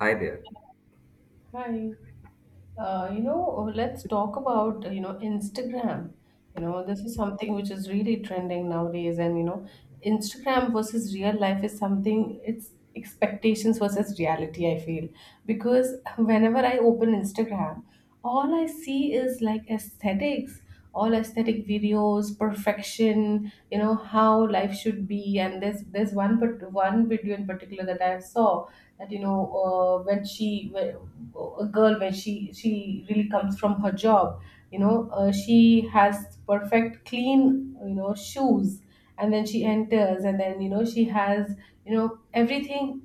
Hi there. Hi. Let's talk about, Instagram. You know, this is something which is really trending nowadays. And, you know, Instagram versus real life is something, it's expectations versus reality, I feel. Because whenever I open Instagram, all I see is like aesthetics, all aesthetic videos, perfection, you know, how life should be. And there's one but one video in particular that I saw that a girl when she really comes from her job she has perfect clean, you know, shoes, and then she enters, and then, you know, she has, you know, everything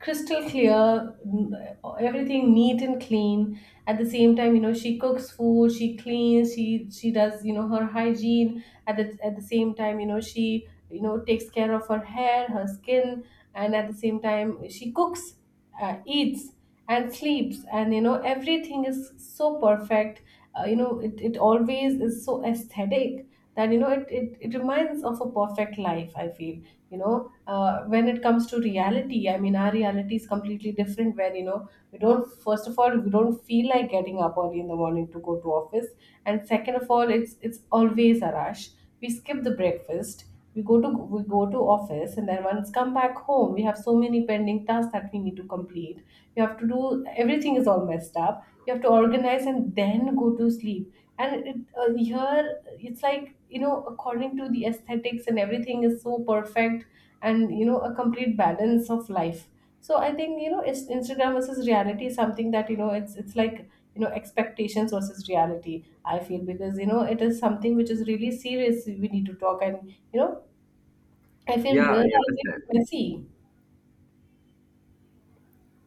crystal clear, everything neat and clean. At the same time, you know, she cooks food, she cleans, she does, you know, her hygiene. At the at the same time, you know, she, you know, takes care of her hair, her skin, and at the same time she cooks, eats and sleeps, and, you know, everything is so perfect. You know, it always is so aesthetic, that, you know, it reminds of a perfect life, I feel. When it comes to reality, I mean, our reality is completely different, where, you know, we don't, first of all, we don't feel like getting up early in the morning to go to office. And second of all, it's always a rush. We skip the breakfast. We go to, we go to office, and then once come back home we have so many pending tasks that we need to complete. You have to do, everything is all messed up, you have to organize and then go to sleep. And here it's like, you know, according to the aesthetics, and everything is so perfect, and, you know, a complete balance of life. So I think, you know, it's Instagram versus reality is something that, you know, it's like, you know, expectations versus reality. I feel because, you know, it is something which is really serious. We need to talk, and, you know, I feel Yeah, real I life is understand. messy.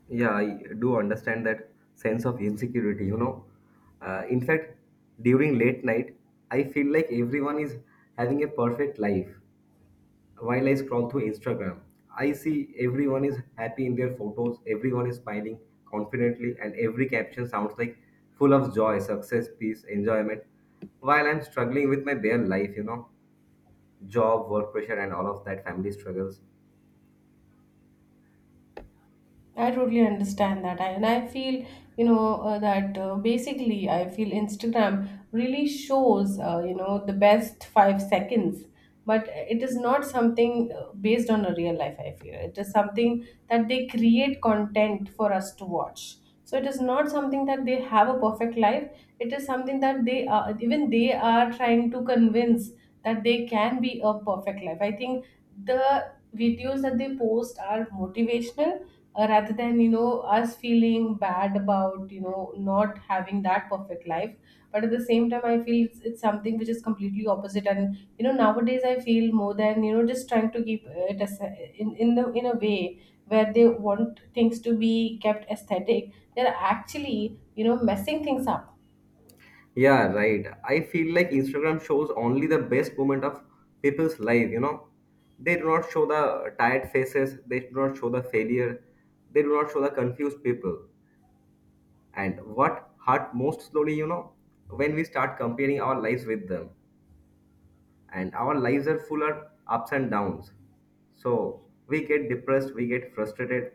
Yeah, I do understand that sense of insecurity, you know. In fact, during late night, I feel like everyone is having a perfect life. While I scroll through Instagram, I see everyone is happy in their photos, everyone is smiling confidently, and every caption sounds like full of joy, success, peace, enjoyment. While I'm struggling with my bare life, you know, job, work pressure, and all of that family struggles. I totally understand that, and I feel, that basically I feel Instagram really shows, you know, the best 5 seconds, but it is not something based on a real life. I feel it is something that they create content for us to watch. So it is not something that they have a perfect life. It is something that they are, even they are trying to convince that they can be a perfect life. I think the videos that they post are motivational, rather than, you know, us feeling bad about, you know, not having that perfect life. But at the same time I feel it's something which is completely opposite, and, you know, nowadays I feel more than, you know, just trying to keep it as, in a way where they want things to be kept aesthetic, they're actually, you know, messing things up. Yeah, right. I feel like Instagram shows only the best moment of people's life, you know. They do not show the tired faces, they do not show the failure, they do not show the confused people. And what hurt most slowly, you know, when we start comparing our lives with them. And our lives are full of ups and downs. So we get depressed, we get frustrated,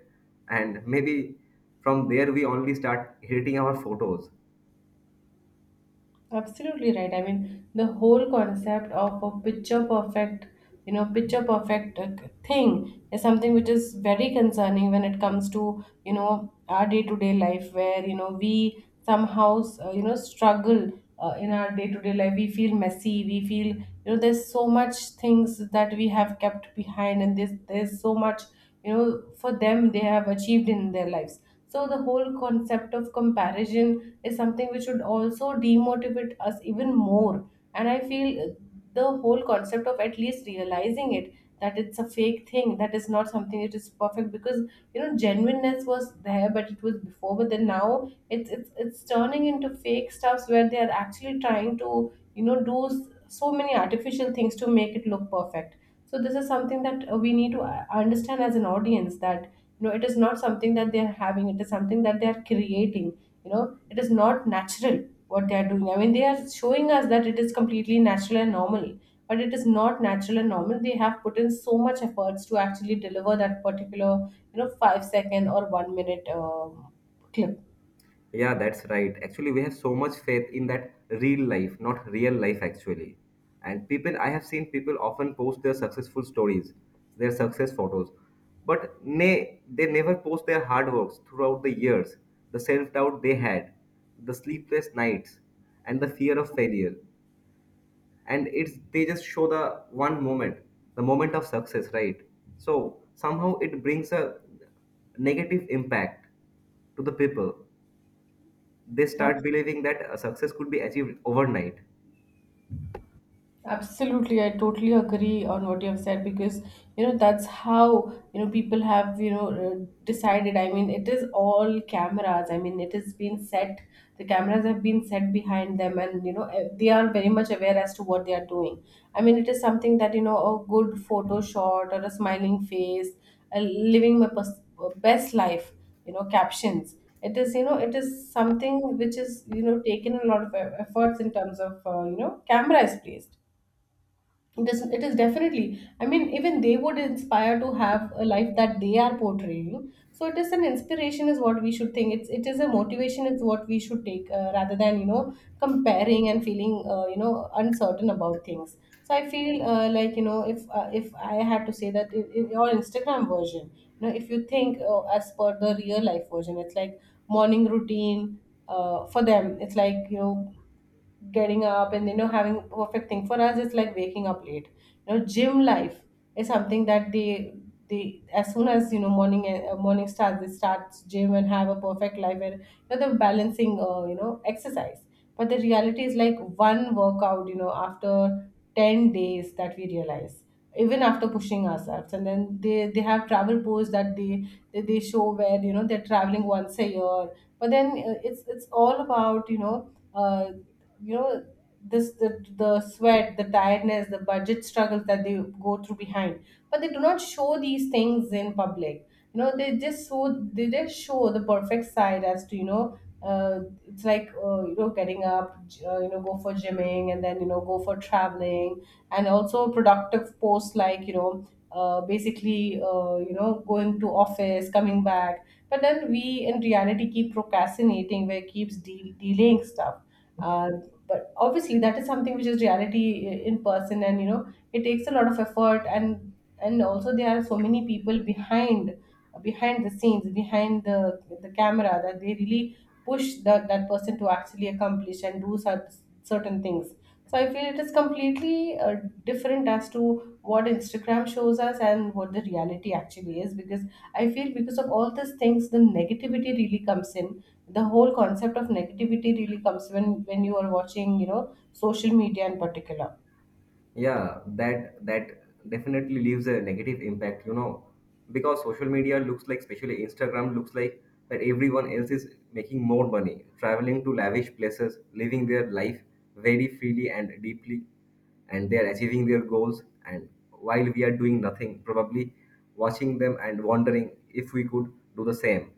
and maybe from there we only start hating our photos. Absolutely right. I mean, the whole concept of a picture perfect, you know, picture perfect, thing is something which is very concerning when it comes to, you know, our day to day life where, you know, we somehow, you know, struggle in our day to day life. We feel messy. We feel, you know, there's so much things that we have kept behind, and this, there's so much, you know, for them they have achieved in their lives. So the whole concept of comparison is something which would also demotivate us even more. And I feel, the whole concept of at least realizing it, that it's a fake thing, that is not something that is perfect. Because, you know, genuineness was there, but it was before, but then now it's it's turning into fake stuffs where they are actually trying to, you know, do so many artificial things to make it look perfect. So this is something that, we need to understand as an audience, that, you know, it is not something that they are having, it is something that they are creating, you know. It is not natural what they are doing. I mean, they are showing us that it is completely natural and normal, but it is not natural and normal. They have put in so much efforts to actually deliver that particular, you know, 5 second or 1 minute clip. Yeah, that's right. Actually, we have so much faith in that real life, not real life, actually. And people, I have seen people often post their successful stories, their success photos, but nay, they never post their hard works throughout the years, the self doubt they had, the sleepless nights, and the fear of failure. And it's they just show the one moment, the moment of success, right? So somehow it brings a negative impact to the people. They Huh? start believing that a success could be achieved overnight. Absolutely, I totally agree on what you have said, because, you know, that's how, you know, people have, you know, decided. I mean, it is all cameras. I mean, it has been set. The cameras have been set behind them, and, you know, they are very much aware as to what they are doing. I mean, it is something that, you know, a good photo shot or a smiling face, a living my best life. You know, captions. It is, you know, it is something which is, you know, taken a lot of efforts in terms of, you know, camera is placed. It is definitely, I mean, even they would inspire to have a life that they are portraying. So it is an inspiration is what we should think, it is a motivation is what we should take, rather than, you know, comparing and feeling, you know, uncertain about things. So I feel, like, you know, if I had to say that in your Instagram version, you know, if you think, as per the real life version, it's like morning routine, for them it's like, you know, getting up and, you know, having a perfect thing. For us, it's like waking up late. You know, gym life is something that they as soon as, you know, morning, morning starts, they start gym and have a perfect life where you know they're balancing, you know, exercise. But the reality is like one workout, you know, after 10 days that we realize, even after pushing ourselves. And then they have travel posts that they show where, you know, they're traveling once a year. But then, it's all about, you know, you know this, the sweat, the tiredness, the budget struggles that they go through behind. But they do not show these things in public. You know, they just show, they just show the perfect side, as to, you know, it's like, you know, getting up, you know, go for gymming, and then, you know, go for traveling. And also productive posts, like, you know, basically, you know, going to office, coming back. But then we in reality keep procrastinating, where it keeps delaying stuff. uh, but obviously that is something which is reality, in person. And, you know, it takes a lot of effort. And also there are so many people behind, behind the scenes, behind the camera, that they really push that person to actually accomplish and do such certain things. So I feel it is completely, different as to what Instagram shows us and what the reality actually is. Because I feel because of all these things, the negativity really comes in. The whole concept of negativity really comes when you are watching, you know, social media in particular. Yeah, that that definitely leaves a negative impact, you know, because social media looks like, especially Instagram, looks like that everyone else is making more money, traveling to lavish places, living their life very freely and deeply, and they are achieving their goals, and while we are doing nothing, probably watching them and wondering if we could do the same.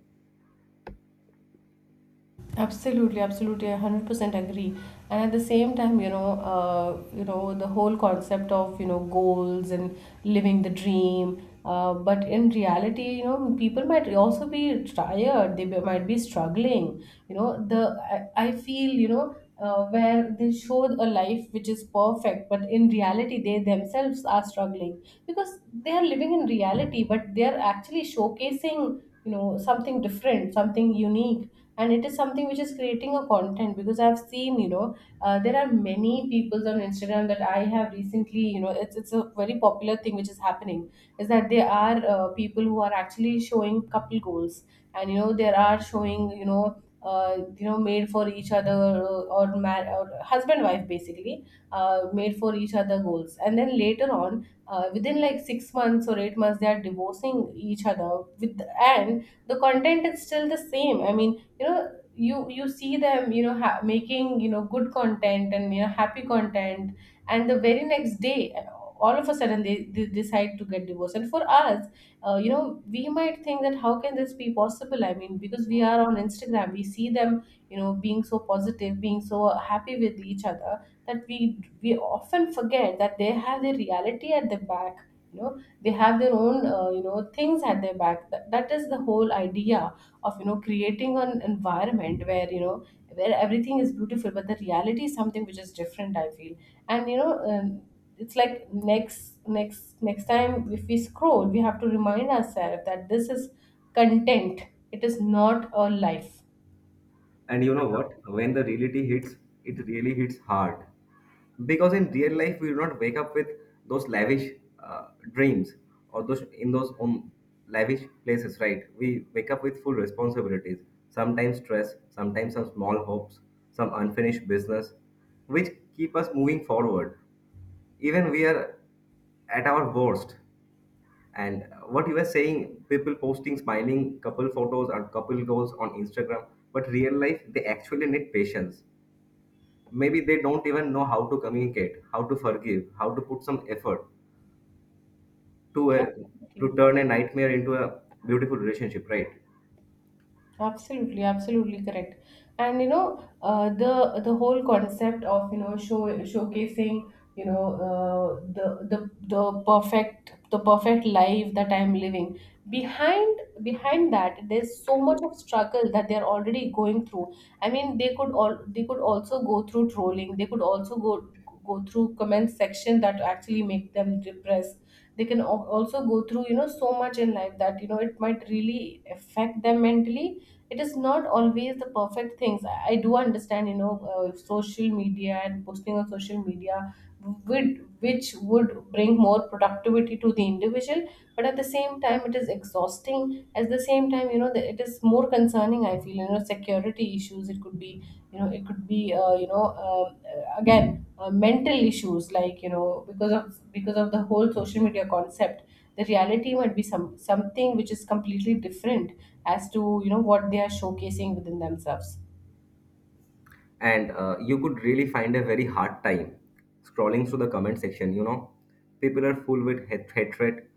Absolutely, absolutely, I 100% agree. And at the same time, you know, the whole concept of, you know, goals and living the dream. But in reality, you know, people might also be tired. They might be struggling. You know, the I feel, you know, where they show a life which is perfect, but in reality, they themselves are struggling, because they are living in reality, but they are actually showcasing, you know, something different, something unique, and it is something which is creating a content. Because I've seen, there are many people on Instagram that I have recently, you know, it's a very popular thing which is happening is that there are people who are actually showing couple goals, and you know, there are showing, made for each other or husband wife basically, made for each other goals, and then later on, within like 6 months or 8 months they are divorcing each other with. And the content is still the same, I mean, you know, you see them, you know, making, you know, good content, and you know, happy content. And the very next day, all of a sudden they decide to get divorced. And for us, you know, we might think that how can this be possible. I mean, because we are on Instagram, we see them, you know, being so positive, being so happy with each other, that we often forget that they have the reality at the back, you know. They have their own, you know, things at their back, that is the whole idea of, you know, creating an environment where, you know, where everything is beautiful, but the reality is something which is different, I feel. And you know, it's like next time if we scroll, we have to remind ourselves that this is content. It is not a life. And you know what? When the reality hits, it really hits hard. Because in real life, we do not wake up with those lavish dreams or those in those lavish places, right? We wake up with full responsibilities, sometimes stress, sometimes some small hopes, some unfinished business, which keep us moving forward. Even we are at our worst. And what you were saying, people posting smiling couple photos and couple goals on Instagram, but real life, they actually need patience. Maybe they don't even know how to communicate, how to forgive, how to put some effort to a, Yeah. to turn a nightmare into a beautiful relationship, right? Absolutely, absolutely correct. And you know, the whole concept of, you know, showcasing, you know, the perfect, the perfect life that I'm living. Behind, behind that there's so much of struggle that they're already going through. I mean, they could also go through trolling. They could also go through comment section that actually make them depressed. They can also go through, you know, so much in life that, you know, it might really affect them mentally. It is not always the perfect things. I do understand, you know, social media and posting on social media would, which would bring more productivity to the individual, but at the same time it is exhausting. At the same time, you know, it is more concerning, I feel. You know, security issues it could be, you know, it could be, again, mental issues like, you know, because of the whole social media concept. The reality might be something which is completely different as to, you know, what they are showcasing within themselves. And you could really find a very hard time scrolling through the comment section, you know, people are full with hatred,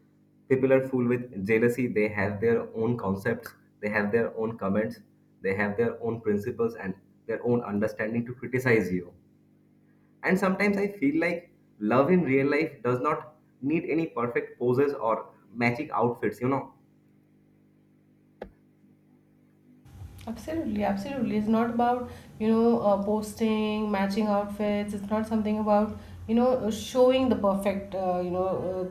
people are full with jealousy, they have their own concepts, they have their own comments, they have their own principles and their own understanding to criticize you. And sometimes I feel like love in real life does not need any perfect poses or magic outfits, you know. Absolutely, absolutely. It's not about, you know, posting matching outfits. It's not something about, you know, showing the perfect, you know,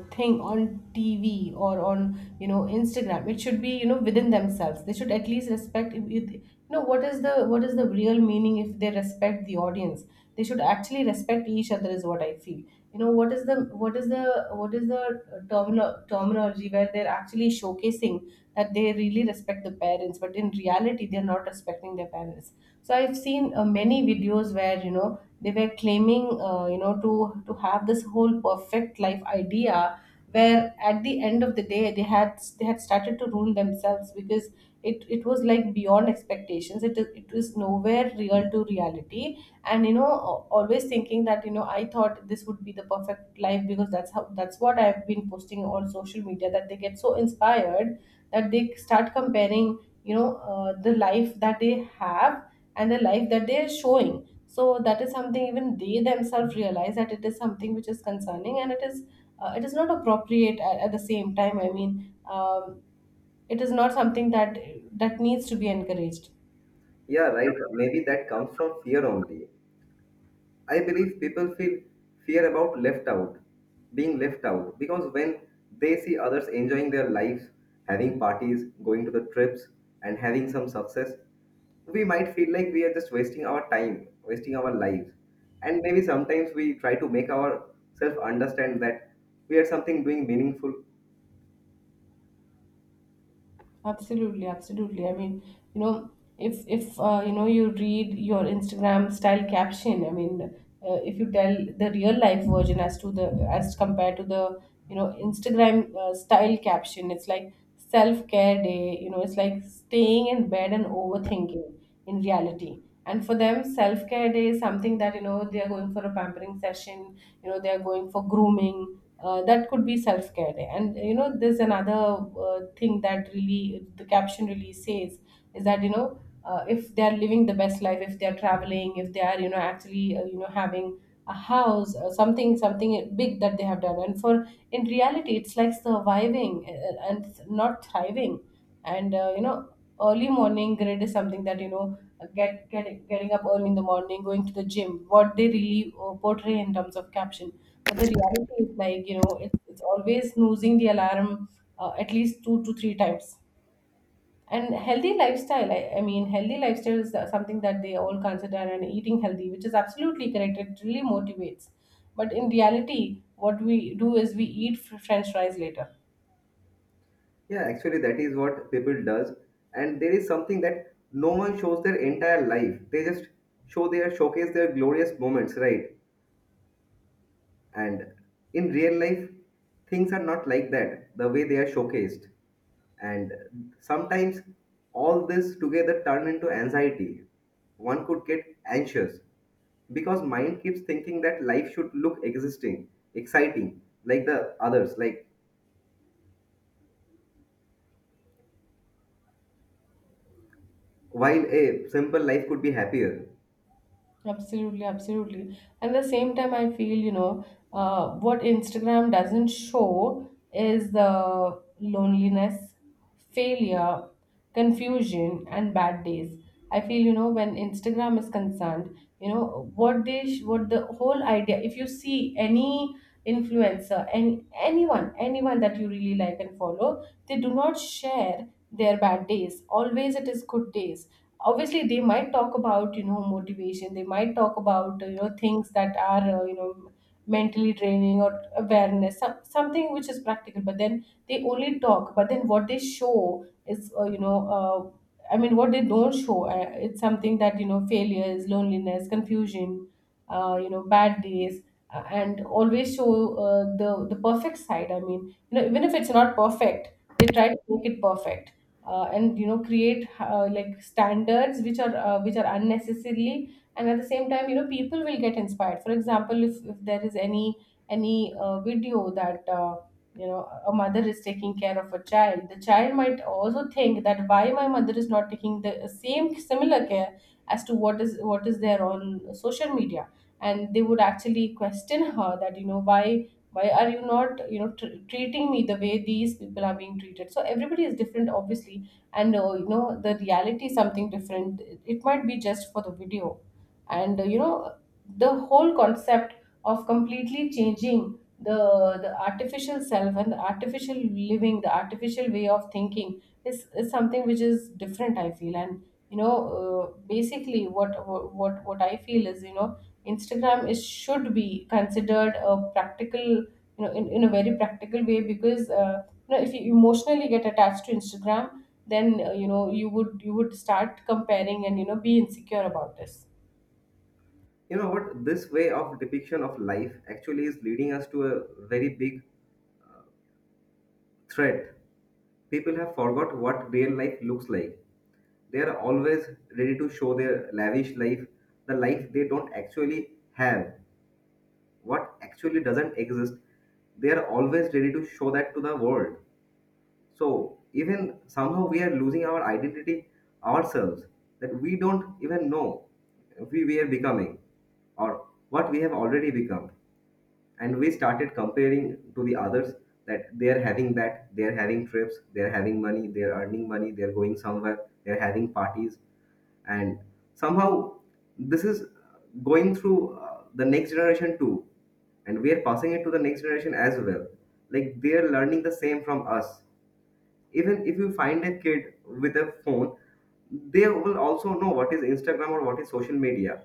thing on TV or on, you know, Instagram. It should be, you know, within themselves. They should at least respect no, what is the real meaning if they respect the audience? They should actually respect each other is what I feel. You know, what is the terminal terminology where they're actually showcasing that they really respect the parents, but in reality they're not respecting their parents. So I've seen, many videos where, you know, they were claiming, you know, to have this whole perfect life idea, where at the end of the day they had started to ruin themselves because it was like beyond expectations. It was nowhere real to reality. And you know, always thinking that, you know, I thought this would be the perfect life because that's what I've been posting on social media, that they get so inspired that they start comparing, you know, the life that they have and the life that they are showing. So that is something even they themselves realize, that it is something which is concerning, and it is, it is not appropriate at the same time. I mean, it is not something that needs to be encouraged. Yeah, right. Maybe that comes from fear only. I believe people feel fear about left out, being left out, because when they see others enjoying their lives, having parties, going to the trips, and having some success, we might feel like we are just wasting our time, wasting our lives. And maybe sometimes we try to make ourselves understand that we are something doing meaningful. Absolutely, absolutely. I mean, you know, if you know, you read your Instagram style caption. I mean, if you tell the real life version as to the, as compared to the, you know, Instagram, style caption, it's like self care day. You know, it's like staying in bed and overthinking in reality. And for them, self-care day is something that, you know, they are going for a pampering session. You know, they are going for grooming, that could be self-care day. And you know, there's another, thing that really the caption really says is that, you know, if they are living the best life, if they are traveling, if they are, you know, actually, you know, having a house, something big that they have done. And for in reality it's like surviving, and not thriving. And you know, early morning grid is something that, you know, getting up early in the morning, going to the gym, what they really, portray in terms of caption. But the reality is like, you know, it's always snoozing the alarm, at least two to three times. And healthy lifestyle, I mean healthy lifestyle is, something that they all consider, and eating healthy, which is absolutely correct, it really motivates. But in reality what we do is we eat french fries later. Yeah, actually, that is what people does. And there is something that no one shows their entire life. They just show their showcase their glorious moments, right? And in real life, things are not like that, the way they are showcased. And sometimes all this together turn into anxiety. One could get anxious because mind keeps thinking that life should look existing, exciting, like the others, like while a simple life could be happier. Absolutely, absolutely. And the same time, I feel, you know, what Instagram doesn't show is the loneliness, failure, confusion, and bad days. I feel, you know, when Instagram is concerned, you know, what what the whole idea, if you see any influencer and anyone, anyone that you really like and follow, they do not share their bad days. Always it is good days. Obviously they might talk about, you know, motivation, they might talk about, you know, things that are, you know, mentally draining or awareness, something which is practical. But then they only talk, but then what they show is, I mean, what they don't show, it's something that, you know, failures, loneliness, confusion, you know, bad days, and always show, the perfect side. I mean, you know, even if it's not perfect, they try to make it perfect, and you know, create, like standards which are, which are unnecessarily. And at the same time, you know, people will get inspired. For example, if there is any, video that, you know, a mother is taking care of a child, the child might also think that why my mother is not taking the same similar care as to what is there on social media. And they would actually question her that, you know, why are you not, you know, treating me the way these people are being treated. So everybody is different, obviously. And you know, the reality is something different, it might be just for the video. And you know, the whole concept of completely changing the artificial self, and the artificial living, the artificial way of thinking is something which is different, I feel. And you know, basically, what I feel is, you know, Instagram is should be considered a practical, you know, in a very practical way, because, you know, if you emotionally get attached to Instagram, then, you know, you would, start comparing and, you know, be insecure about this. You know what? This way of depiction of life actually is leading us to a very big threat. People have forgot what real life looks like. They are always ready to show their lavish life, the life they don't actually have, what actually doesn't exist. They are always ready to show that to the world. So even somehow we are losing our identity ourselves, that we don't even know we are becoming or what we have already become, and we started comparing to the others, that they're having, that they're having trips, they're having money, they're earning money, they're going somewhere, they're having parties. And somehow this is going through the next generation too, and we are passing it to the next generation as well, like they are learning the same from us. Even if you find a kid with a phone, they will also know what is Instagram or what is social media.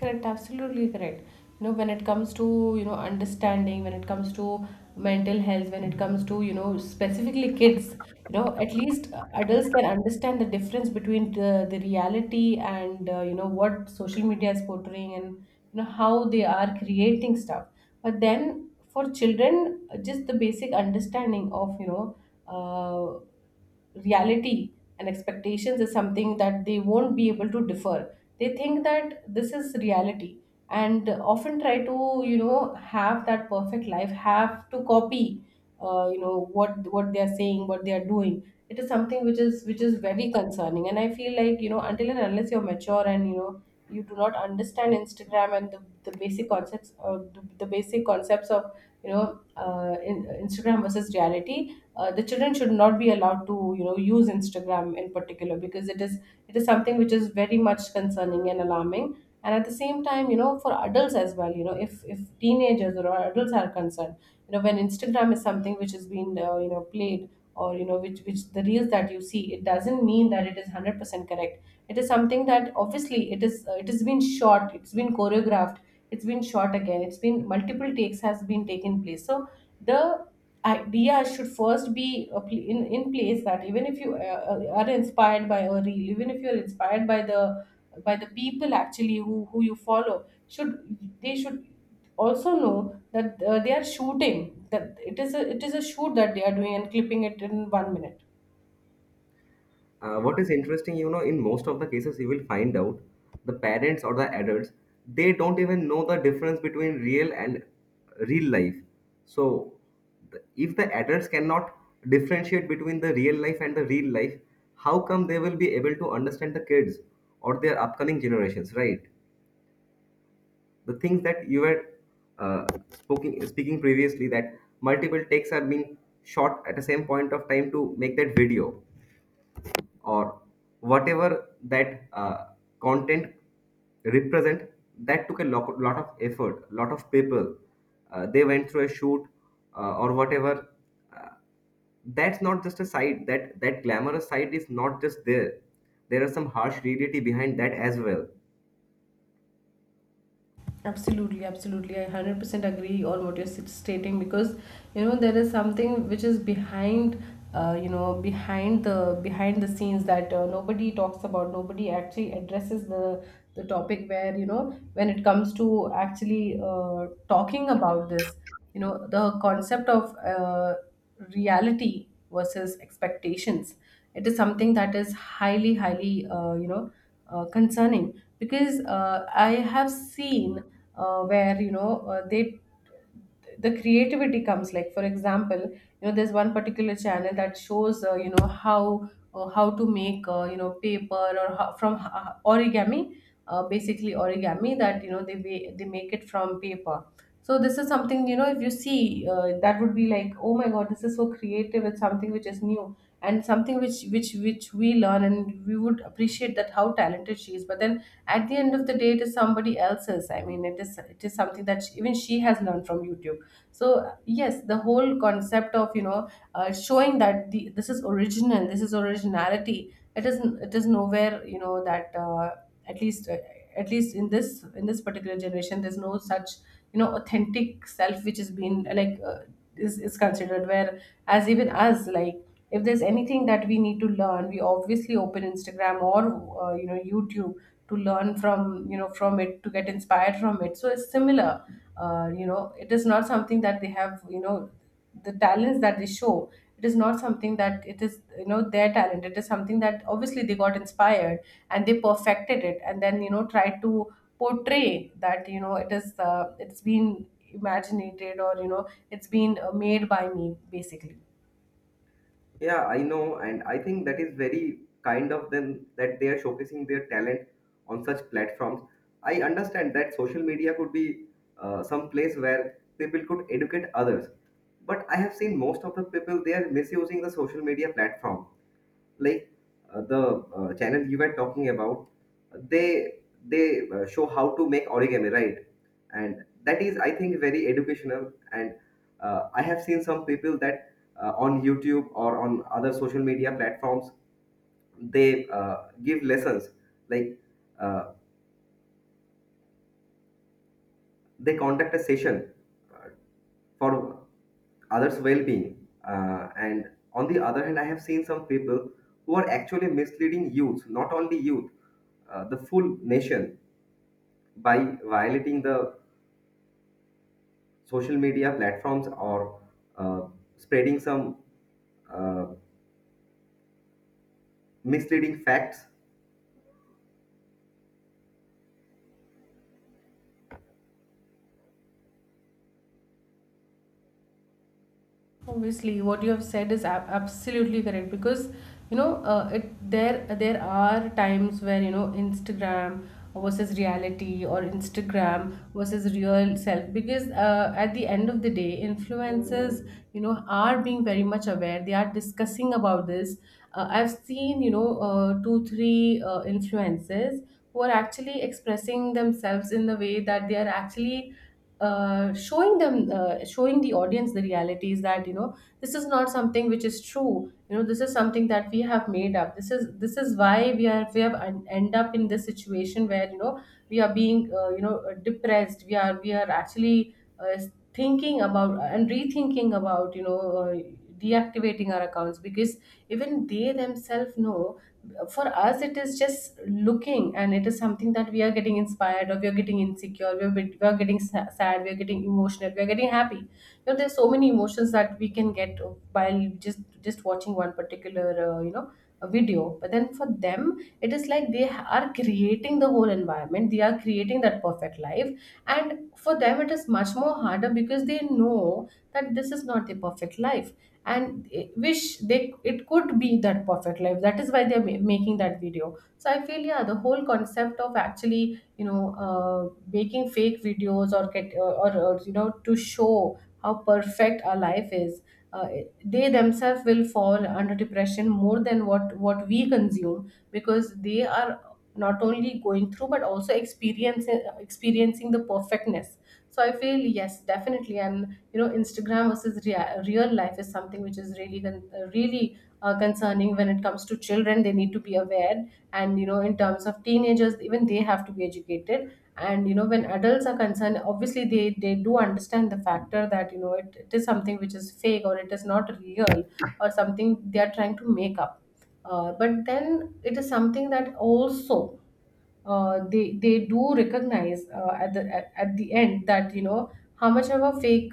Correct, absolutely correct. You know, when it comes to, you know, understanding, when it comes to mental health, when it comes to, you know, specifically kids, you know, at least, adults can understand the difference between the reality and, you know, what social media is portraying, and you know, how they are creating stuff. But then for children, just the basic understanding of, you know, uh, reality and expectations is something that they won't be able to differ. They think that this is reality, and often try to, you know, have that perfect life, have to copy, you know, what they are saying, what they are doing. It is something which is very concerning, and I feel like, you know, until and unless you're mature, and you know, you do not understand Instagram, and the basic concepts, or the basic concepts of, you know, Instagram versus reality, the children should not be allowed to, you know, use Instagram in particular, because it is, it is something which is very much concerning and alarming. And at the same time, you know, for adults as well, you know, if teenagers or adults are concerned, you know, when Instagram is something which has been, you know, played, or you know, which the reels that you see, it doesn't mean that it is 100% correct. It is something that obviously it is, it has been shot, it's been choreographed, it's been shot again, it's been multiple takes has been taken place. So the idea should first be in place, that even if you, are inspired by a reel, even if you're inspired by the, by the people actually who you follow, should they should also know that, they are shooting, that it is a, it is a shoot that they are doing, and clipping it in 1 minute. What is interesting, you know, in most of the cases, you will find out the parents or the adults, they don't even know the difference between real and real life. So, the- if the adults cannot differentiate between the real life and the real life, how come they will be able to understand the kids or their upcoming generations, right? The things that you were uh, speaking previously, that multiple takes have been shot at the same point of time to make that video or whatever that content represent, that took a lot of effort, lot of people, they went through a shoot, or whatever, uh, that's not just a side, that that glamorous side is not just there. There are some harsh reality behind that as well. Absolutely, absolutely. I 100% agree on what you're stating because you know there is something which is behind, you know, behind the scenes that nobody talks about, nobody actually addresses the topic where you know, when it comes to actually talking about this, you know, the concept of reality versus expectations. It is something that is highly you know, concerning, because I have seen where you know, they, the creativity comes, like for example, you know, there's one particular channel that shows you know, how to make you know, paper or how, from origami, basically origami that you know, they they make it from paper. So this is something, you know, if you see that would be like, oh my god, this is so creative, it's something which is new and something which we learn and we would appreciate that, how talented she is, but then at the end of the day it is somebody else's. I mean, it is something that she, even she has learned from YouTube. So yes, the whole concept of you know, showing that the, this is original, this is originality, it is nowhere, you know, that at least uh, at least in this particular generation there's no such, you know, authentic self which has been, like, is considered, where as even us, like if there's anything that we need to learn, we obviously open Instagram or you know, YouTube, to learn from, you know, from it, to get inspired from it, so it's similar. You know, it is not something that they have, you know, the talents that they show, it is not something that it is, you know, their talent. It is something that obviously they got inspired and they perfected it and then, you know, tried to portray that, you know, it is it's been imaginated, or you know, it's been made by me, basically. Yeah, I know, and I think that is very kind of them that they are showcasing their talent on such platforms. I understand that social media could be some place where people could educate others, but I have seen most of the people they are misusing the social media platform, like the channel you were talking about, they show how to make origami, right? And that is, I think, very educational. And I have seen some people that on YouTube or on other social media platforms, they give lessons, like uh, they conduct a session uh, for others' well-being. And on the other hand, I have seen some people who are actually misleading youth, not only youth, the full nation, by violating the social media platforms, or uh, spreading some uh, misleading facts. Obviously, what you have said is absolutely correct, because you know, it, there are times where you know, Instagram versus reality, or Instagram versus real self, because at the end of the day, influencers, you know, are being very much aware. They are discussing about this. I've seen, you know, 2 3 influencers who are actually expressing themselves in the way that they are actually showing them, showing the audience the realities, that you know, this is not something which is true, you know, this is something that we have made up. This is this is why we are, we have end up in this situation where, you know, we are being, you know, depressed, we are, we are actually thinking about and rethinking about, you know, uh, deactivating our accounts, because even they themselves know, for us it is just looking, and it is something that we are getting inspired, or we are getting insecure, we are getting sad, we are getting emotional, we are getting happy. You know, there's so many emotions that we can get by just watching one particular, you know, a video. But then for them it is like, they are creating the whole environment, they are creating that perfect life, and for them it is much more harder, because they know that this is not the perfect life, and wish they, it could be that perfect life, that is why they're making that video. So I feel, yeah, the whole concept of actually, you know, making fake videos, or get or you know, to show how perfect our life is, uh, they themselves will fall under depression more than what we consume, because they are not only going through but also experiencing the perfectness. So I feel yes, definitely, and you know, Instagram versus real life is something which is really really concerning. When it comes to children, they need to be aware, and you know, in terms of teenagers, even they have to be educated. And you know, when adults are concerned, obviously they do understand the factor, that you know, it is something which is fake, or it is not real, or something they are trying to make up. But then it is something that also they do recognize, at the end, that you know, how much of a fake,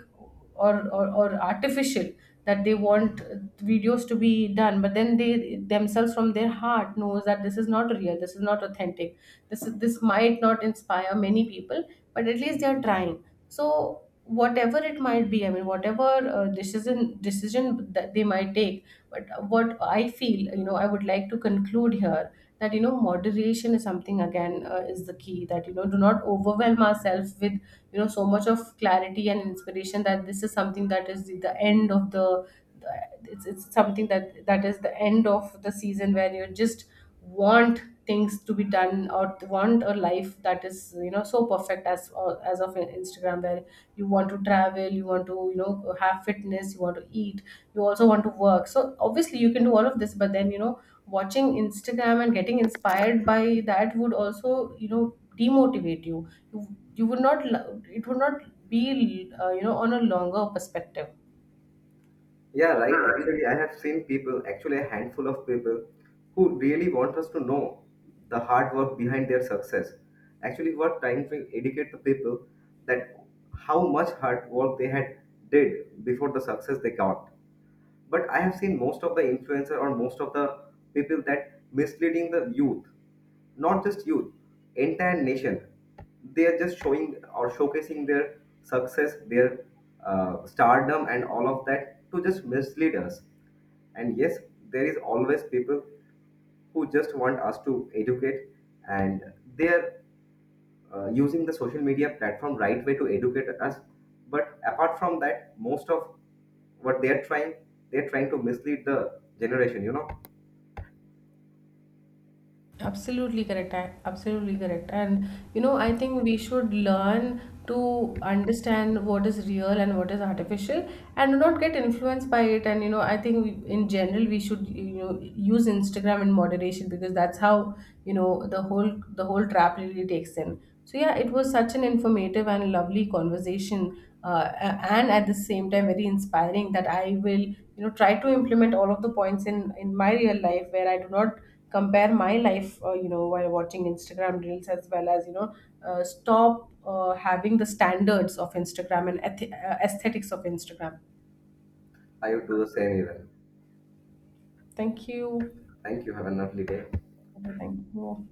or artificial that they want videos to be done, but then they themselves, from their heart, knows that this is not real, this is not authentic, this is this might not inspire many people, but at least they are trying. So whatever it might be, I mean, whatever decision that they might take, but what I feel, you know, I would like to conclude here, that you know, moderation is something, again, is the key, that you know, do not overwhelm ourselves with, you know, so much of clarity and inspiration, that this is something that is the end of the, it's something that, that is the end of the season, where you're just want things to be done, or want a life that is, you know, so perfect as, as of Instagram, where you want to travel, you want to, you know, have fitness, you want to eat, you also want to work. So obviously you can do all of this, but then you know, watching Instagram and getting inspired by that would also, you know, demotivate you. you, you would not it would not be, you know, on a longer perspective. Yeah, right. Actually, I have seen people, actually, a handful of people who really want us to know the hard work behind their success. Actually, we're trying to educate the people that how much hard work they had did before the success they got. But I have seen most of the influencer or most of the people that misleading the youth, not just youth, entire nation. They are just showing or showcasing their success, their stardom, and all of that to just mislead us. And yes, there is always people who just want us to educate, and they are using the social media platform right way to educate us. But apart from that, most of what they are trying to mislead the generation, you know. Absolutely correct. I absolutely correct. And you know, I think we should learn to understand what is real and what is artificial, and not get influenced by it. And you know, I think we, in general we should, you know, use Instagram in moderation, because that's how, you know, the whole trap really takes in. So yeah, it was such an informative and lovely conversation, and at the same time very inspiring, that I will, you know, try to implement all of the points in my real life, where I do not compare my life, you know, while watching Instagram reels, as well as you know, stop having the standards of Instagram and aesthetics of Instagram. I would do the same even. Thank you. Thank you. Have a lovely day. Thank you.